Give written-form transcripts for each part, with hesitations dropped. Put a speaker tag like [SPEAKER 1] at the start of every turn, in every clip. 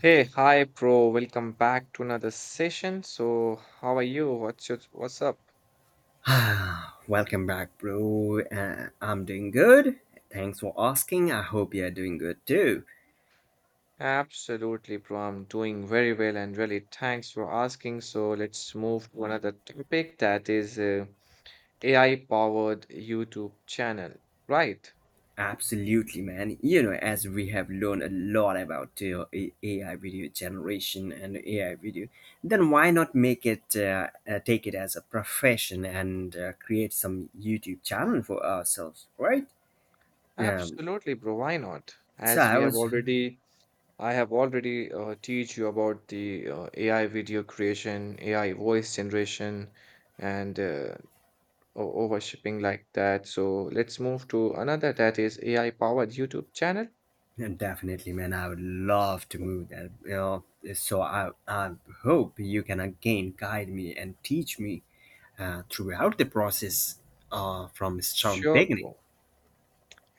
[SPEAKER 1] Hey, hi, bro. Welcome back to another session. So, how are you? What's up?
[SPEAKER 2] Ah, welcome back, bro. I'm doing good. Thanks for asking. I hope you're doing good too.
[SPEAKER 1] Absolutely, bro. I'm doing very well and really thanks for asking. So, let's move to another topic that is AI-powered YouTube channel, right?
[SPEAKER 2] Absolutely, man. You know, as we have learned a lot about AI video generation and AI video, then why not make it take it as a profession and create some YouTube channel for ourselves, right? Um,
[SPEAKER 1] Absolutely, bro. Why not?
[SPEAKER 2] so
[SPEAKER 1] As
[SPEAKER 2] I
[SPEAKER 1] we have
[SPEAKER 2] was
[SPEAKER 1] already, I have already teach you about the AI video creation, AI voice generation, and or overshipping like that. So let's move to another that is AI powered YouTube channel.
[SPEAKER 2] And definitely, man, I would love to move there. You know, so I hope you can again guide me and teach me throughout the process from start
[SPEAKER 1] Sure,
[SPEAKER 2] beginning.
[SPEAKER 1] bro.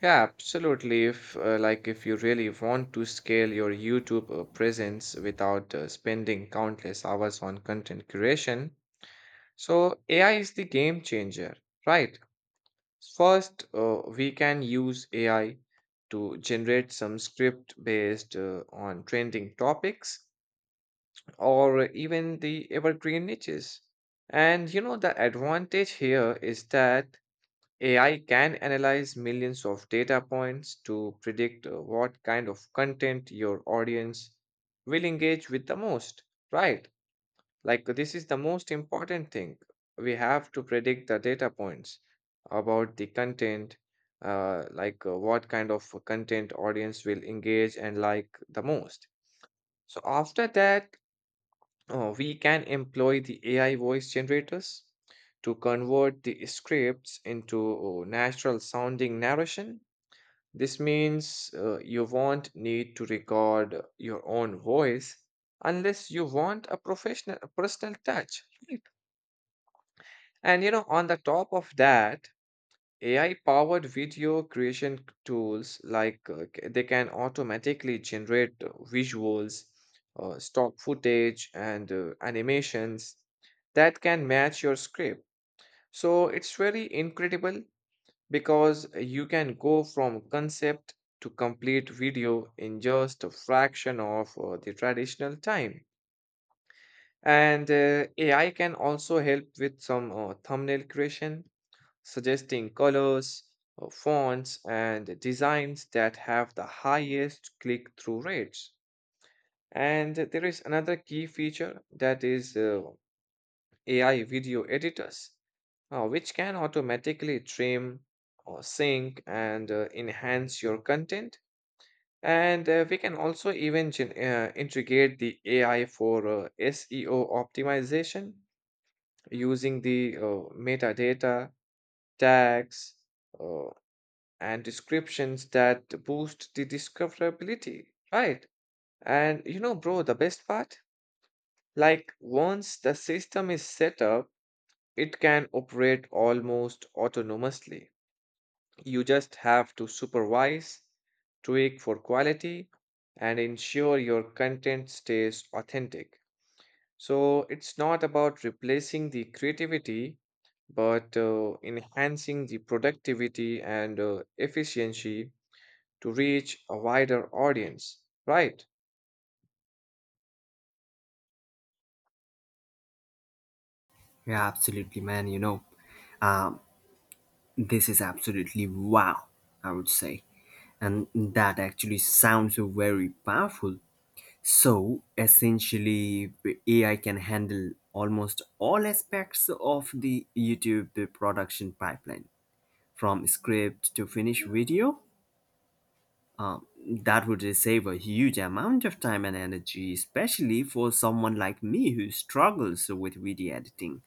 [SPEAKER 1] Yeah, absolutely. If like if you really want to scale your YouTube presence without spending countless hours on content creation, so AI is the game changer, right? First, we can use AI to generate some script based on trending topics or even the evergreen niches. And you know, the advantage here is that AI can analyze millions of data points to predict what kind of content your audience will engage with the most, right? Like, this is the most important thing. We have to predict the data points about the content, what kind of content audience will engage and like the most. So after that, we can employ the AI voice generators to convert the scripts into natural sounding narration. This means you won't need to record your own voice unless you want a professional a personal touch. Right? And you know, on the top of that, AI powered video creation tools they can automatically generate visuals, stock footage, and animations that can match your script. So it's really incredible because you can go from concept to complete video in just a fraction of the traditional time. And AI can also help with some thumbnail creation, suggesting colors, fonts, and designs that have the highest click through rates. And there is another key feature that is AI video editors, which can automatically trim or sync and enhance your content. And we can also even gen- integrate the AI for SEO optimization using the metadata, tags, uh, and descriptions that boost the discoverability, right? And you know, bro, the best part? Like, once the system is set up, it can operate almost autonomously. You just have to supervise, tweak for quality, and ensure your content stays authentic. So, it's not about replacing the creativity, but enhancing the productivity and efficiency to reach a wider audience, right?
[SPEAKER 2] Yeah, absolutely, man. You know, um, this is absolutely wow, I would say, and that actually sounds very powerful. So essentially, AI can handle almost all aspects of the YouTube production pipeline from script to finished video. um, that would save a huge amount of time and energy, especially for someone like me who struggles with video editing.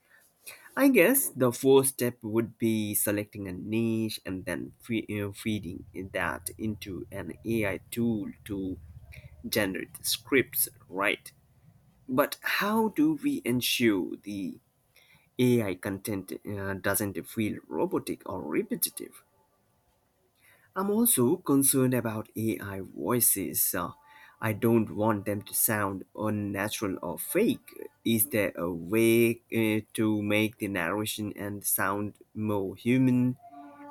[SPEAKER 2] I guess the first step would be selecting a niche and then feeding that into an AI tool to generate scripts, right? But how do we ensure the AI content doesn't feel robotic or repetitive? I'm also concerned about AI voices. I don't want them to sound unnatural or fake. Is there a way to make the narration and sound more human?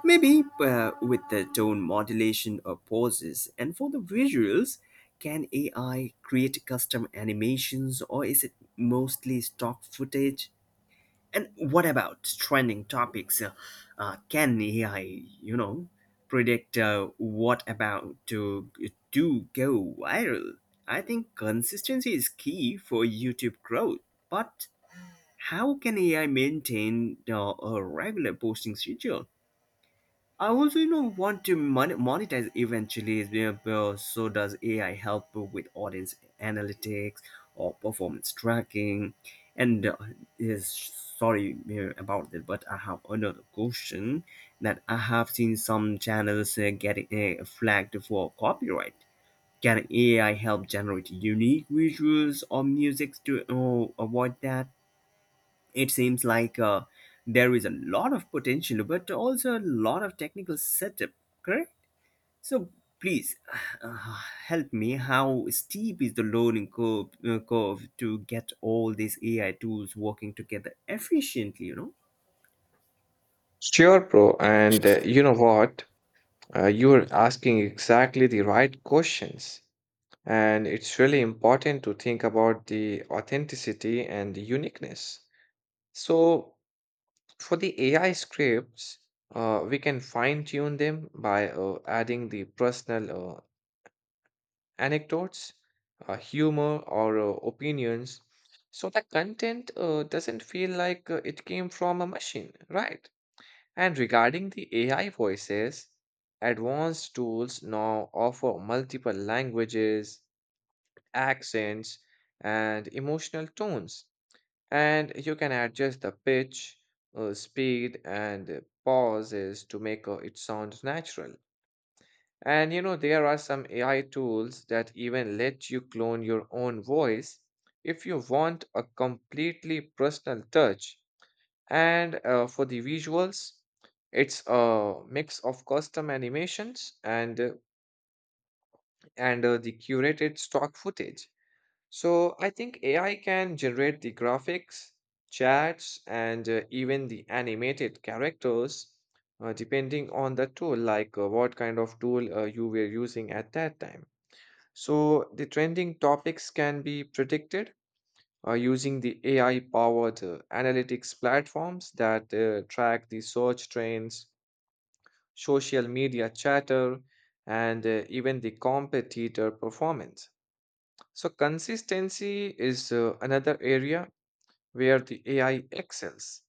[SPEAKER 2] Maybe with the tone modulation or pauses. And for the visuals, can AI create custom animations, or is it mostly stock footage? And what about trending topics? Can AI, you know, predict what about to go viral? I think consistency is key for YouTube growth. But how can AI maintain a regular posting schedule? I also, you know, want to monetize eventually. So does AI help with audience analytics or performance tracking? And is sorry about that, but I have another question, that I have seen some channels getting flagged for copyright. Can AI help generate unique visuals or music to avoid that? It seems like there is a lot of potential, but also a lot of technical setup, correct? So please, uh, help me. How steep is the learning curve, to get all these AI tools working together efficiently?
[SPEAKER 1] Sure, bro. And you know what? You're asking exactly the right questions. And it's really important to think about the authenticity and the uniqueness. So, for the AI scripts, we can fine tune them by adding the personal anecdotes, humor, or opinions. So, the content doesn't feel like it came from a machine, right? And regarding the AI voices, advanced tools now offer multiple languages, accents, and emotional tones. And you can adjust the pitch, speed, and pauses to make it sound natural. And you know, there are some AI tools that even let you clone your own voice if you want a completely personal touch. And for the visuals, it's a mix of custom animations and the curated stock footage. So I think AI can generate the graphics, chats, and even the animated characters, depending on the tool, like what kind of tool you were using at that time. So the trending topics can be predicted using the AI powered analytics platforms that track the search trends, social media chatter, and even the competitor performance. So, consistency is another area where the AI excels.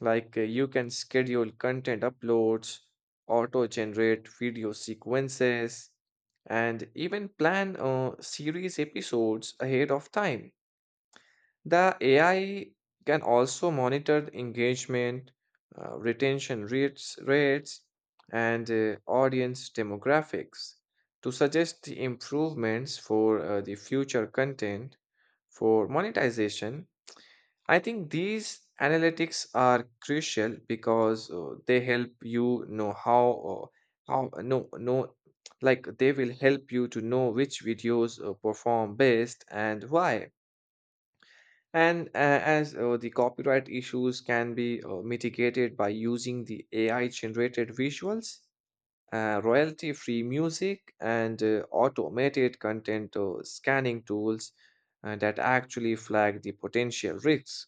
[SPEAKER 1] Like you can schedule content uploads, auto generate video sequences, and even plan series episodes ahead of time. The AI can also monitor the engagement, retention rates, and audience demographics to suggest the improvements for the future content for monetization. I think these analytics are crucial because they help you know how no no like they will help you to know which videos perform best and why, and as the copyright issues can be mitigated by using the AI generated visuals, royalty free music, and automated content scanning tools that actually flag the potential risks.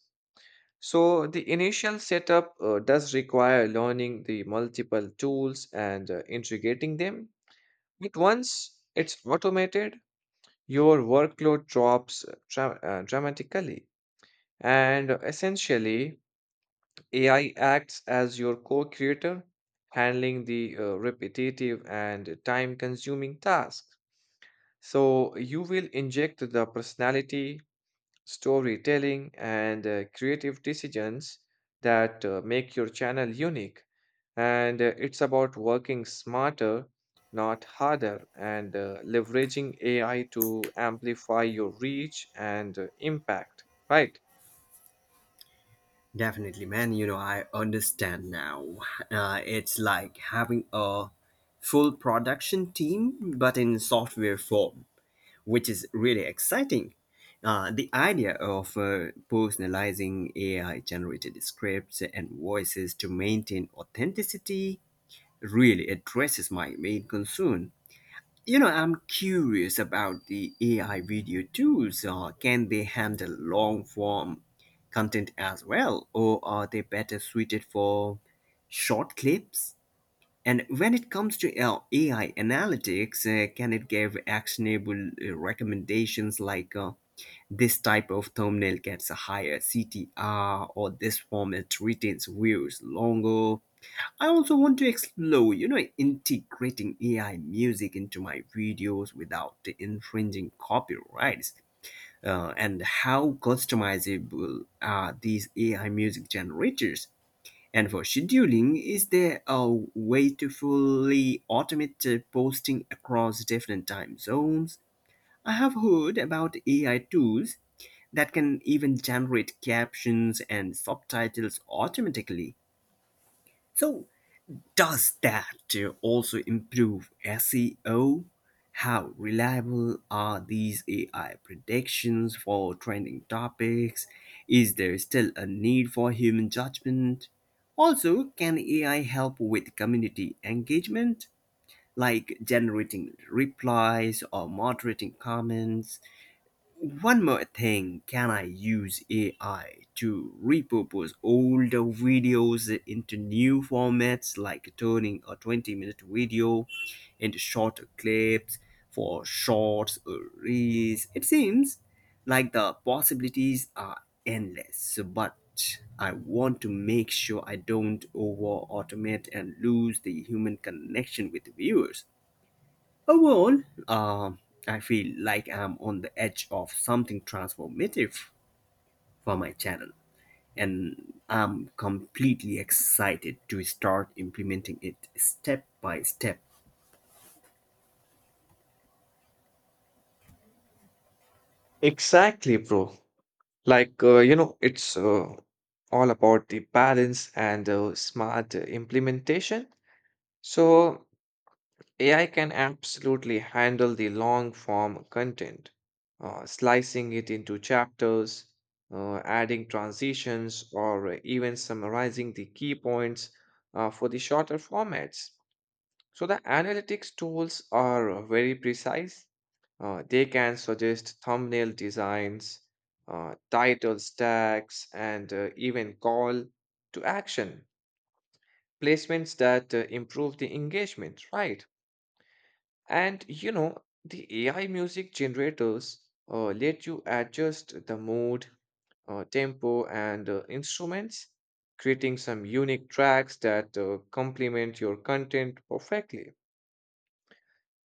[SPEAKER 1] So, the initial setup does require learning the multiple tools and integrating them. But once it's automated, your workload drops dramatically, and essentially, AI acts as your co creator, handling the repetitive and time consuming tasks. So you will inject the personality, storytelling, and creative decisions that make your channel unique. And it's about working smarter, not harder, and leveraging AI to amplify your reach and impact. Right.
[SPEAKER 2] Definitely, man. You know, I understand now. It's like having a full production team, but in software form, which is really exciting. The idea of personalizing AI generated scripts and voices to maintain authenticity really addresses my main concern. You know, I'm curious about the AI video tools. Can they handle long form content as well, or are they better suited for short clips? And when it comes to AI analytics, can it give actionable recommendations like, this type of thumbnail gets a higher CTR, or this format retains views longer? I also want to explore, you know, integrating AI music into my videos without infringing copyrights. And how customizable are these AI music generators? And for scheduling, is there a way to fully automate posting across different time zones? I have heard about AI tools that can even generate captions and subtitles automatically. So, does that also improve SEO? How reliable are these AI predictions for trending topics? Is there still a need for human judgment? Also, can AI help with community engagement, like generating replies or moderating comments? One more thing, can I use AI to repurpose older videos into new formats, like turning a 20-minute video into shorter clips for shorts or reels? It seems like the possibilities are endless, but I want to make sure I don't over automate and lose the human connection with viewers. Overall, um, I feel like I'm on the edge of something transformative for my channel, and I'm completely excited to start implementing it step by step.
[SPEAKER 1] Exactly, bro. Like, you know, it's all about the balance and smart implementation. So, AI can absolutely handle the long form content, slicing it into chapters, adding transitions, or even summarizing the key points for the shorter formats. So, the analytics tools are very precise. They can suggest thumbnail designs, title stacks, and even call to action placements that improve the engagement, right? And you know, the AI music generators let you adjust the mood, tempo, and instruments, creating some unique tracks that complement your content perfectly.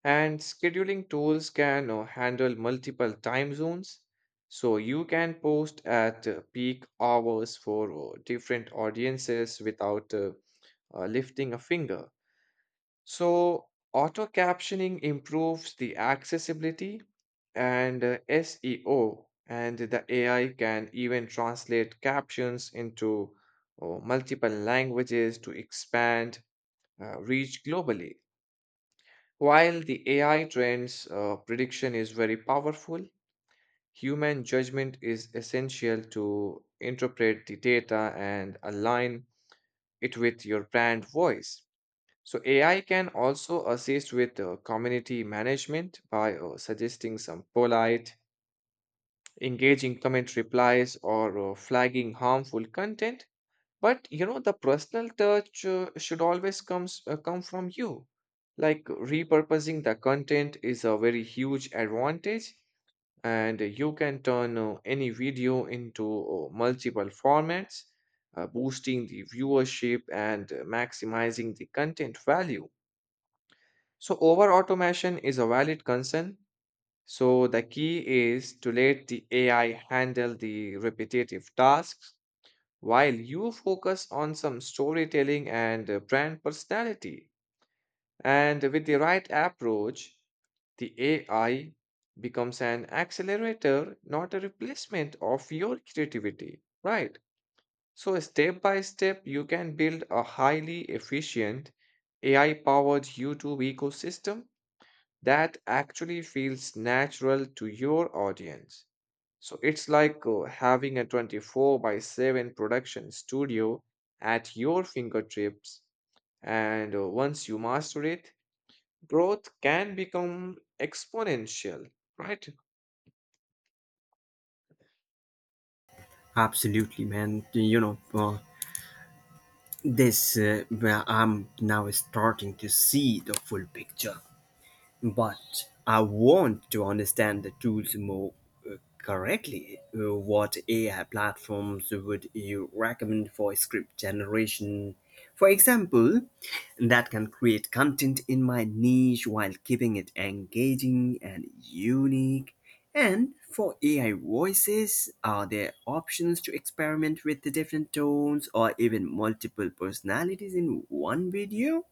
[SPEAKER 1] And scheduling tools can handle multiple time zones. So you can post at peak hours for different audiences without lifting a finger. So auto captioning improves the accessibility and SEO, and the AI can even translate captions into multiple languages to expand reach globally. While the AI trends prediction is very powerful, human judgment is essential to interpret the data and align it with your brand voice. So, AI can also assist with community management by suggesting some polite, engaging comment replies or flagging harmful content. But you know, the personal touch should always come from you. Like, repurposing the content is a very huge advantage, and you can turn any video into multiple formats, boosting the viewership and maximizing the content value. So over automation is a valid concern. So the key is to let the AI handle the repetitive tasks while you focus on some storytelling and brand personality. And with the right approach, the AI becomes an accelerator, not a replacement of your creativity, right? So, step by step, you can build a highly efficient AI powered YouTube ecosystem that actually feels natural to your audience. So it's like having a 24 by 7 production studio at your fingertips. And once you master it, growth can become exponential, right?
[SPEAKER 2] Absolutely, man. You know, this where I'm now starting to see the full picture. But I want to understand the tools more correctly. What AI platforms would you recommend for script generation, for example, that can create content in my niche while keeping it engaging and unique? And for AI voices, are there options to experiment with the different tones or even multiple personalities in one video?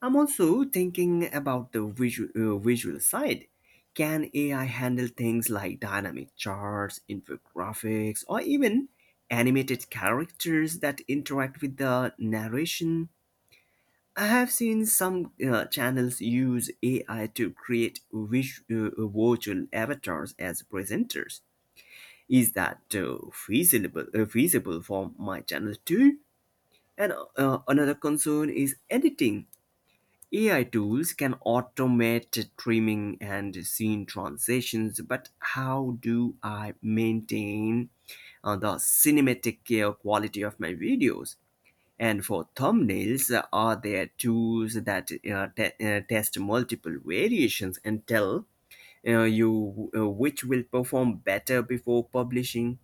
[SPEAKER 2] I'm also thinking about the visual side. Can AI handle things like dynamic charts, infographics, or even animated characters that interact with the narration? I have seen some channels use AI to create virtual avatars as presenters. Is that feasible for my channel too? And another concern is editing. AI tools can automate trimming and scene transitions, but how do I maintain the cinematic quality of my videos? And for thumbnails, are there tools that test multiple variations and tell you which will perform better before publishing?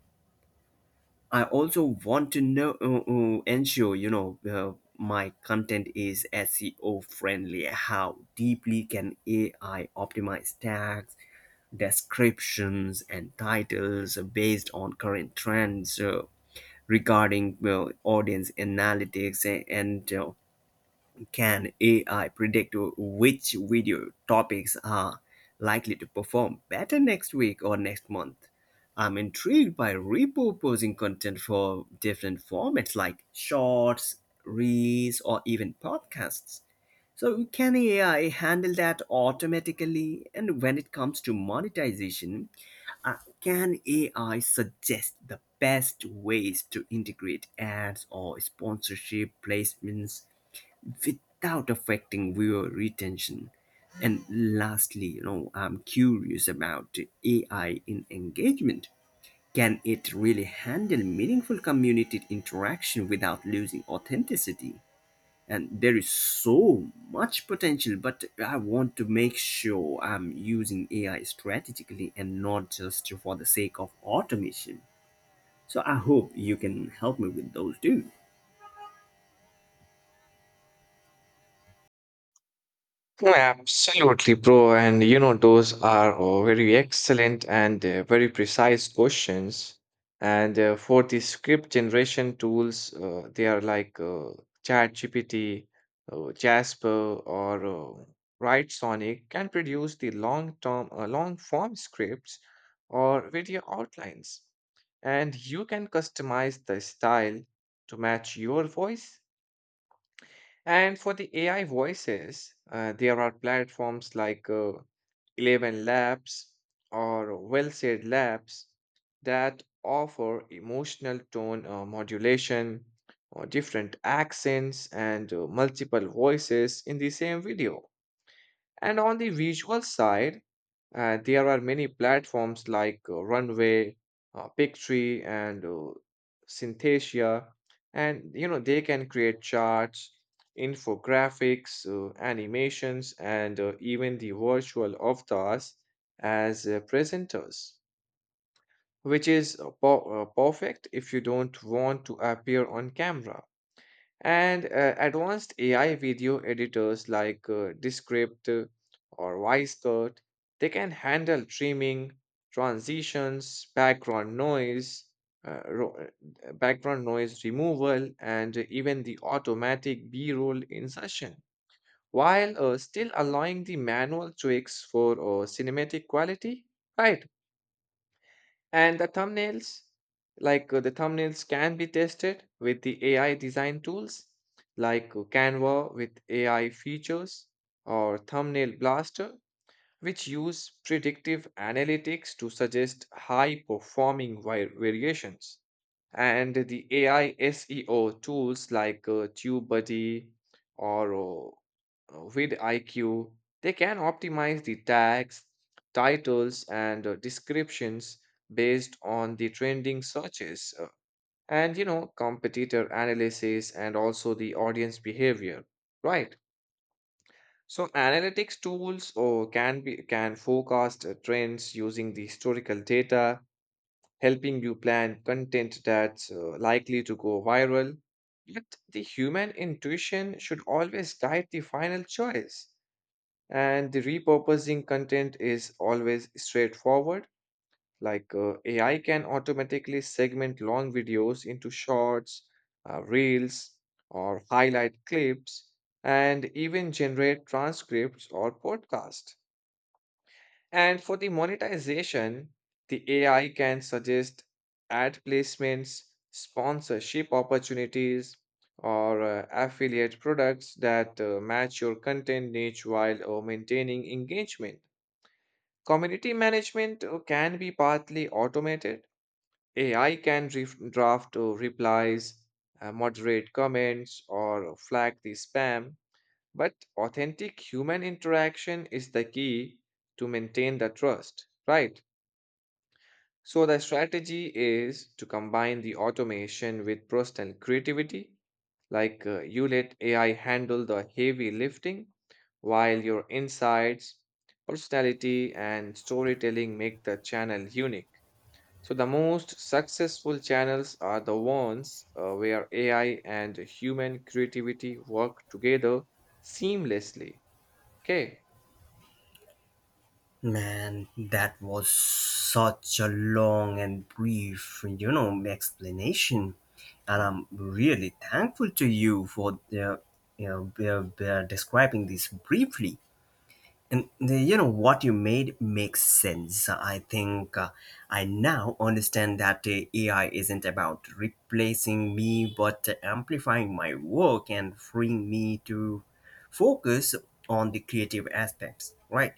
[SPEAKER 2] I also want to know, ensure, my content is SEO friendly. How deeply can AI optimize tags, descriptions, and titles based on current trends, regarding, well, audience analytics, and can AI predict which video topics are likely to perform better next week or next month? I'm intrigued by repurposing content for different formats like shorts, reels, or even podcasts. So, can AI handle that automatically? And when it comes to monetization, can AI suggest the best ways to integrate ads or sponsorship placements without affecting viewer retention? And lastly, you know, I'm curious about AI in engagement. Can it really handle meaningful community interaction without losing authenticity? And there is so much potential, but I want to make sure I'm using AI strategically and not just for the sake of automation. So I hope you can help me with those too.
[SPEAKER 1] No. Absolutely, bro. And you know, those are very excellent and very precise questions. And for the script generation tools, they are like ChatGPT, Jasper, or WriteSonic can produce the long-term, long-form scripts or video outlines. And you can customize the style to match your voice, and for the AI voices, there are platforms like 11 Labs or Well Said Labs that offer emotional tone modulation or different accents and multiple voices in the same video. And on the visual side, there are many platforms like Runway, Pictree, and Synthesia, and you know they can create charts, infographics, animations, and even the virtual avatars as presenters, which is perfect if you don't want to appear on camera. And advanced AI video editors like Descript or Wisecut, they can handle trimming, transitions, background noise removal, and even the automatic B-roll insertion, while still allowing the manual tweaks for cinematic quality. Right. And the thumbnails, the thumbnails can be tested with the AI design tools like Canva with AI features or Thumbnail Blaster, which use predictive analytics to suggest high performing variations. And the AI SEO tools like TubeBuddy or vidIQ, they can optimize the tags, titles, and descriptions based on the trending searches and you know competitor analysis and also the audience behavior, right? So analytics tools or can be can forecast trends using the historical data, helping you plan content that's likely to go viral. But the human intuition should always guide the final choice. And the repurposing content is always straightforward. AI can automatically segment long videos into shorts, reels, or highlight clips, and even generate transcripts or podcasts. And for the monetization, the AI can suggest ad placements, sponsorship opportunities, or affiliate products that match your content niche while maintaining engagement. Community management can be partly automated. AI can draft replies, moderate comments, or flag the spam. But authentic human interaction is the key to maintain the trust, right? So the strategy is to combine the automation with personal creativity, like you let AI handle the heavy lifting while your insights, personality, and storytelling make the channel unique. So the most successful channels are the ones where AI and human creativity work together seamlessly. Okay.
[SPEAKER 2] Man, that was such a long and brief, you know, explanation, and I'm really thankful to you for you know, describing this briefly. And you know what, you made makes sense. I think I now understand that AI isn't about replacing me, but amplifying my work and freeing me to focus on the creative aspects, right?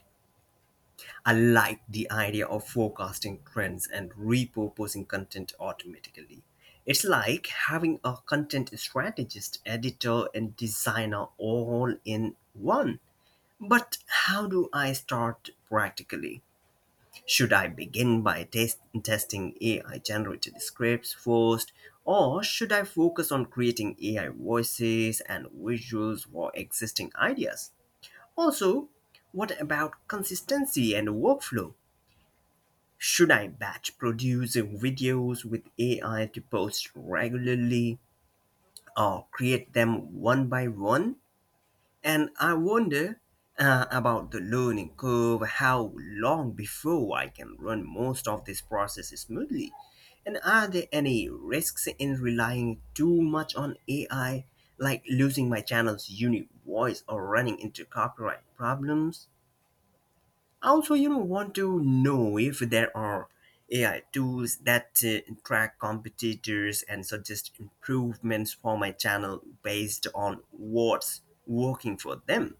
[SPEAKER 2] I like the idea of forecasting trends and repurposing content automatically. It's like having a content strategist, editor, and designer all in one. But how do I start practically? Should I begin by testing AI generated scripts first, or should I focus on creating AI voices and visuals for existing ideas? Also, what about consistency and workflow? Should I batch produce videos with AI to post regularly, or create them one by one? And I wonder about the learning curve, how long before I can run most of this process smoothly? And are there any risks in relying too much on AI, like losing my channel's unique voice or running into copyright problems? Also, you know, want to know if there are AI tools that track competitors and suggest improvements for my channel based on what's working for them.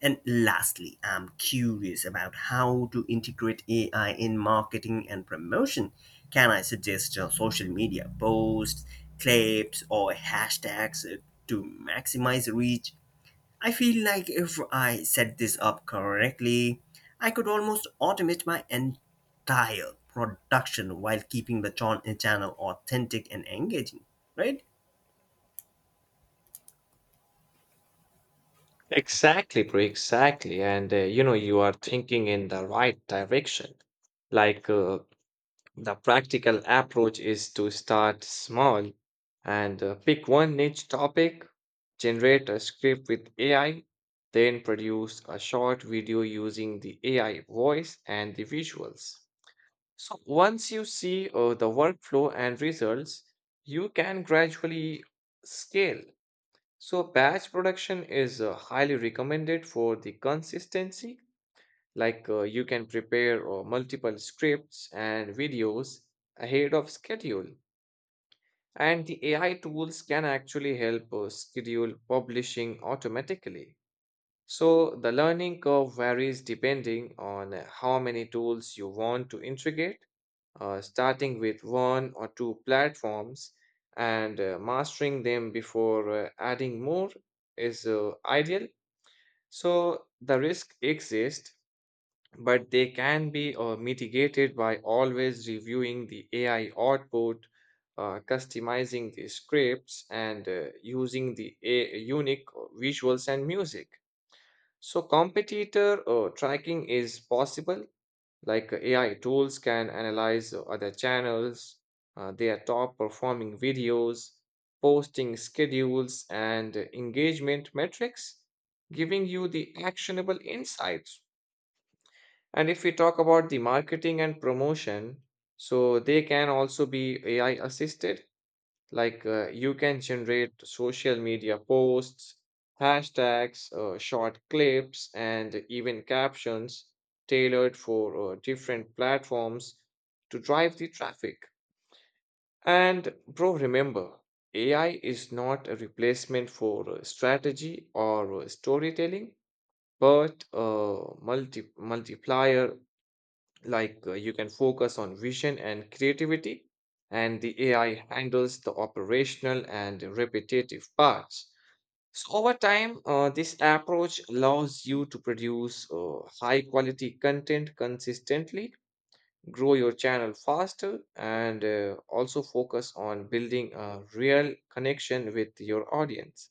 [SPEAKER 2] And lastly, I'm curious about how to integrate AI in marketing and promotion. Can I suggest social media posts, clips, or hashtags to maximize reach? I feel like if I set this up correctly, I could almost automate my entire production while keeping the channel authentic and engaging, right?
[SPEAKER 1] Exactly, bro. Exactly. And you know, you are thinking in the right direction. Like the practical approach is to start small and pick one niche topic, generate a script with AI, then produce a short video using the AI voice and the visuals. So once you see the workflow and results, you can gradually scale. So batch production is highly recommended for the consistency. Like, you can prepare multiple scripts and videos ahead of schedule. And the AI tools can actually help schedule publishing automatically. So the learning curve varies depending on how many tools you want to integrate. Uh, starting with one or two platforms and mastering them before adding more is ideal. So the risk exists, but they can be mitigated by always reviewing the AI output, customizing the scripts, and using the unique visuals and music. So competitor tracking is possible, like AI tools can analyze other channels, their top performing videos, posting schedules, and engagement metrics, giving you the actionable insights. And if we talk about the marketing and promotion, so they can also be AI assisted, like you can generate social media posts, hashtags, short clips, and even captions tailored for different platforms to drive the traffic. And bro, remember, AI is not a replacement for strategy or storytelling, but a multiplier. Like you can focus on vision and creativity, and the ai handles the operational and repetitive parts. So over time this approach allows you to produce high quality content consistently, grow your channel faster, and also focus on building a real connection with your audience.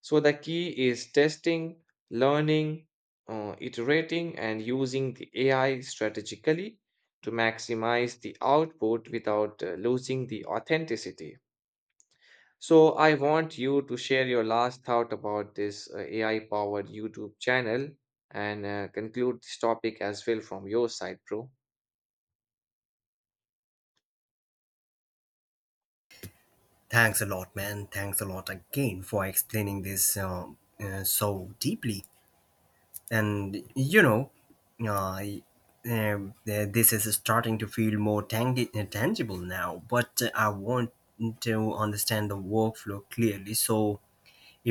[SPEAKER 1] So the key is testing, learning, iterating, and using the AI strategically to maximize the output without losing the authenticity. So I want you to share your last thought about this AI-powered YouTube channel and conclude this topic as well from your side, bro.
[SPEAKER 2] Thanks a lot, man. Thanks a lot again for explaining this, so deeply. And you know, uh, this is starting to feel more tangible now, but I want to understand the workflow clearly. So,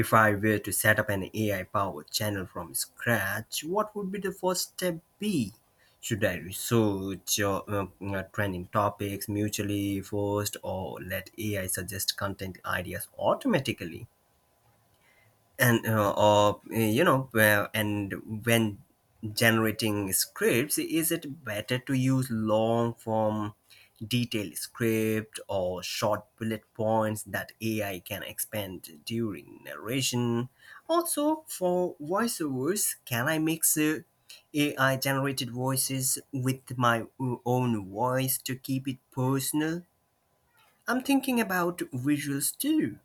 [SPEAKER 2] if I were to set up an AI powered channel from scratch, what would be the first step be? Should I research trending topics mutually first, or let AI suggest content ideas automatically? And or And when generating scripts, is it better to use long form detailed script or short bullet points that AI can expand during narration? Also, for voiceovers, can I mix AI generated voices with my own voice to keep it personal? I'm thinking about visuals too.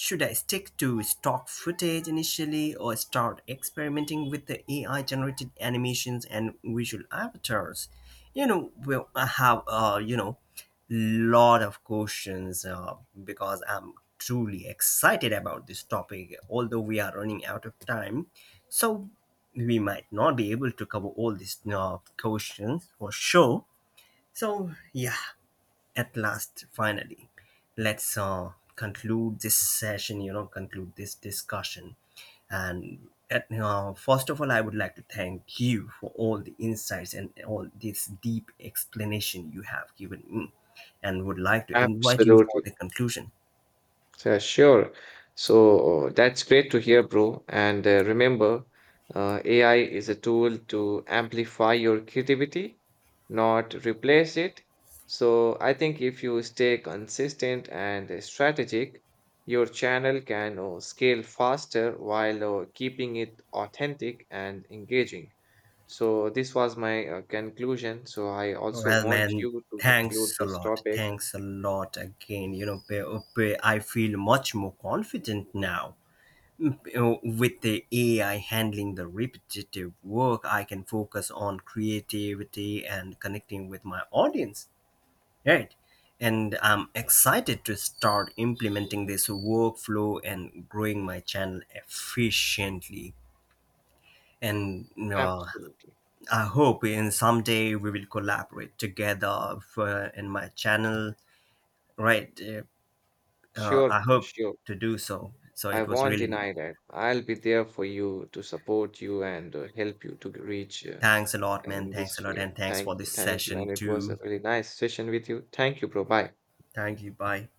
[SPEAKER 2] Should I stick to stock footage initially, or start experimenting with the AI generated animations and visual avatars? You know, well, I have, you know, lot of questions, because I'm truly excited about this topic, although we are running out of time. So we might not be able to cover all these questions for sure. So, yeah, at last, finally, let's conclude this session, you know, conclude this discussion. And first of all, I would like to thank you for all the insights and all this deep explanation you have given me, and would like to invite you for
[SPEAKER 1] Absolutely.
[SPEAKER 2] the conclusion.
[SPEAKER 1] So, sure. So that's great to hear, bro. And remember, AI is a tool to amplify your creativity, not replace it. So I think if you stay consistent and strategic, your channel can scale faster while keeping it authentic and engaging. So this was my conclusion. So I also
[SPEAKER 2] Well,
[SPEAKER 1] want
[SPEAKER 2] man,
[SPEAKER 1] you to conclude
[SPEAKER 2] thanks a
[SPEAKER 1] this
[SPEAKER 2] lot.
[SPEAKER 1] topic.
[SPEAKER 2] Thanks a lot again. You know, I feel much more confident now. You know, with the AI handling the repetitive work, I can focus on creativity and connecting with my audience, right? And I'm excited to start implementing this workflow and growing my channel efficiently. And
[SPEAKER 1] Absolutely.
[SPEAKER 2] I hope in someday we will collaborate together for, in my channel, right?
[SPEAKER 1] Sure,
[SPEAKER 2] I
[SPEAKER 1] bro.
[SPEAKER 2] hope
[SPEAKER 1] Sure.
[SPEAKER 2] to do so. So
[SPEAKER 1] I
[SPEAKER 2] it was
[SPEAKER 1] won't
[SPEAKER 2] really.
[SPEAKER 1] deny that. I'll be there for you to support you and help you to reach
[SPEAKER 2] Thanks a lot, man.
[SPEAKER 1] in
[SPEAKER 2] Thanks
[SPEAKER 1] this
[SPEAKER 2] a lot.
[SPEAKER 1] field.
[SPEAKER 2] And thanks for
[SPEAKER 1] Thank you.
[SPEAKER 2] this
[SPEAKER 1] Thank you.
[SPEAKER 2] session,
[SPEAKER 1] And it was a
[SPEAKER 2] too.
[SPEAKER 1] really nice session with you. Thank you, bro. Bye.
[SPEAKER 2] Thank you. Bye.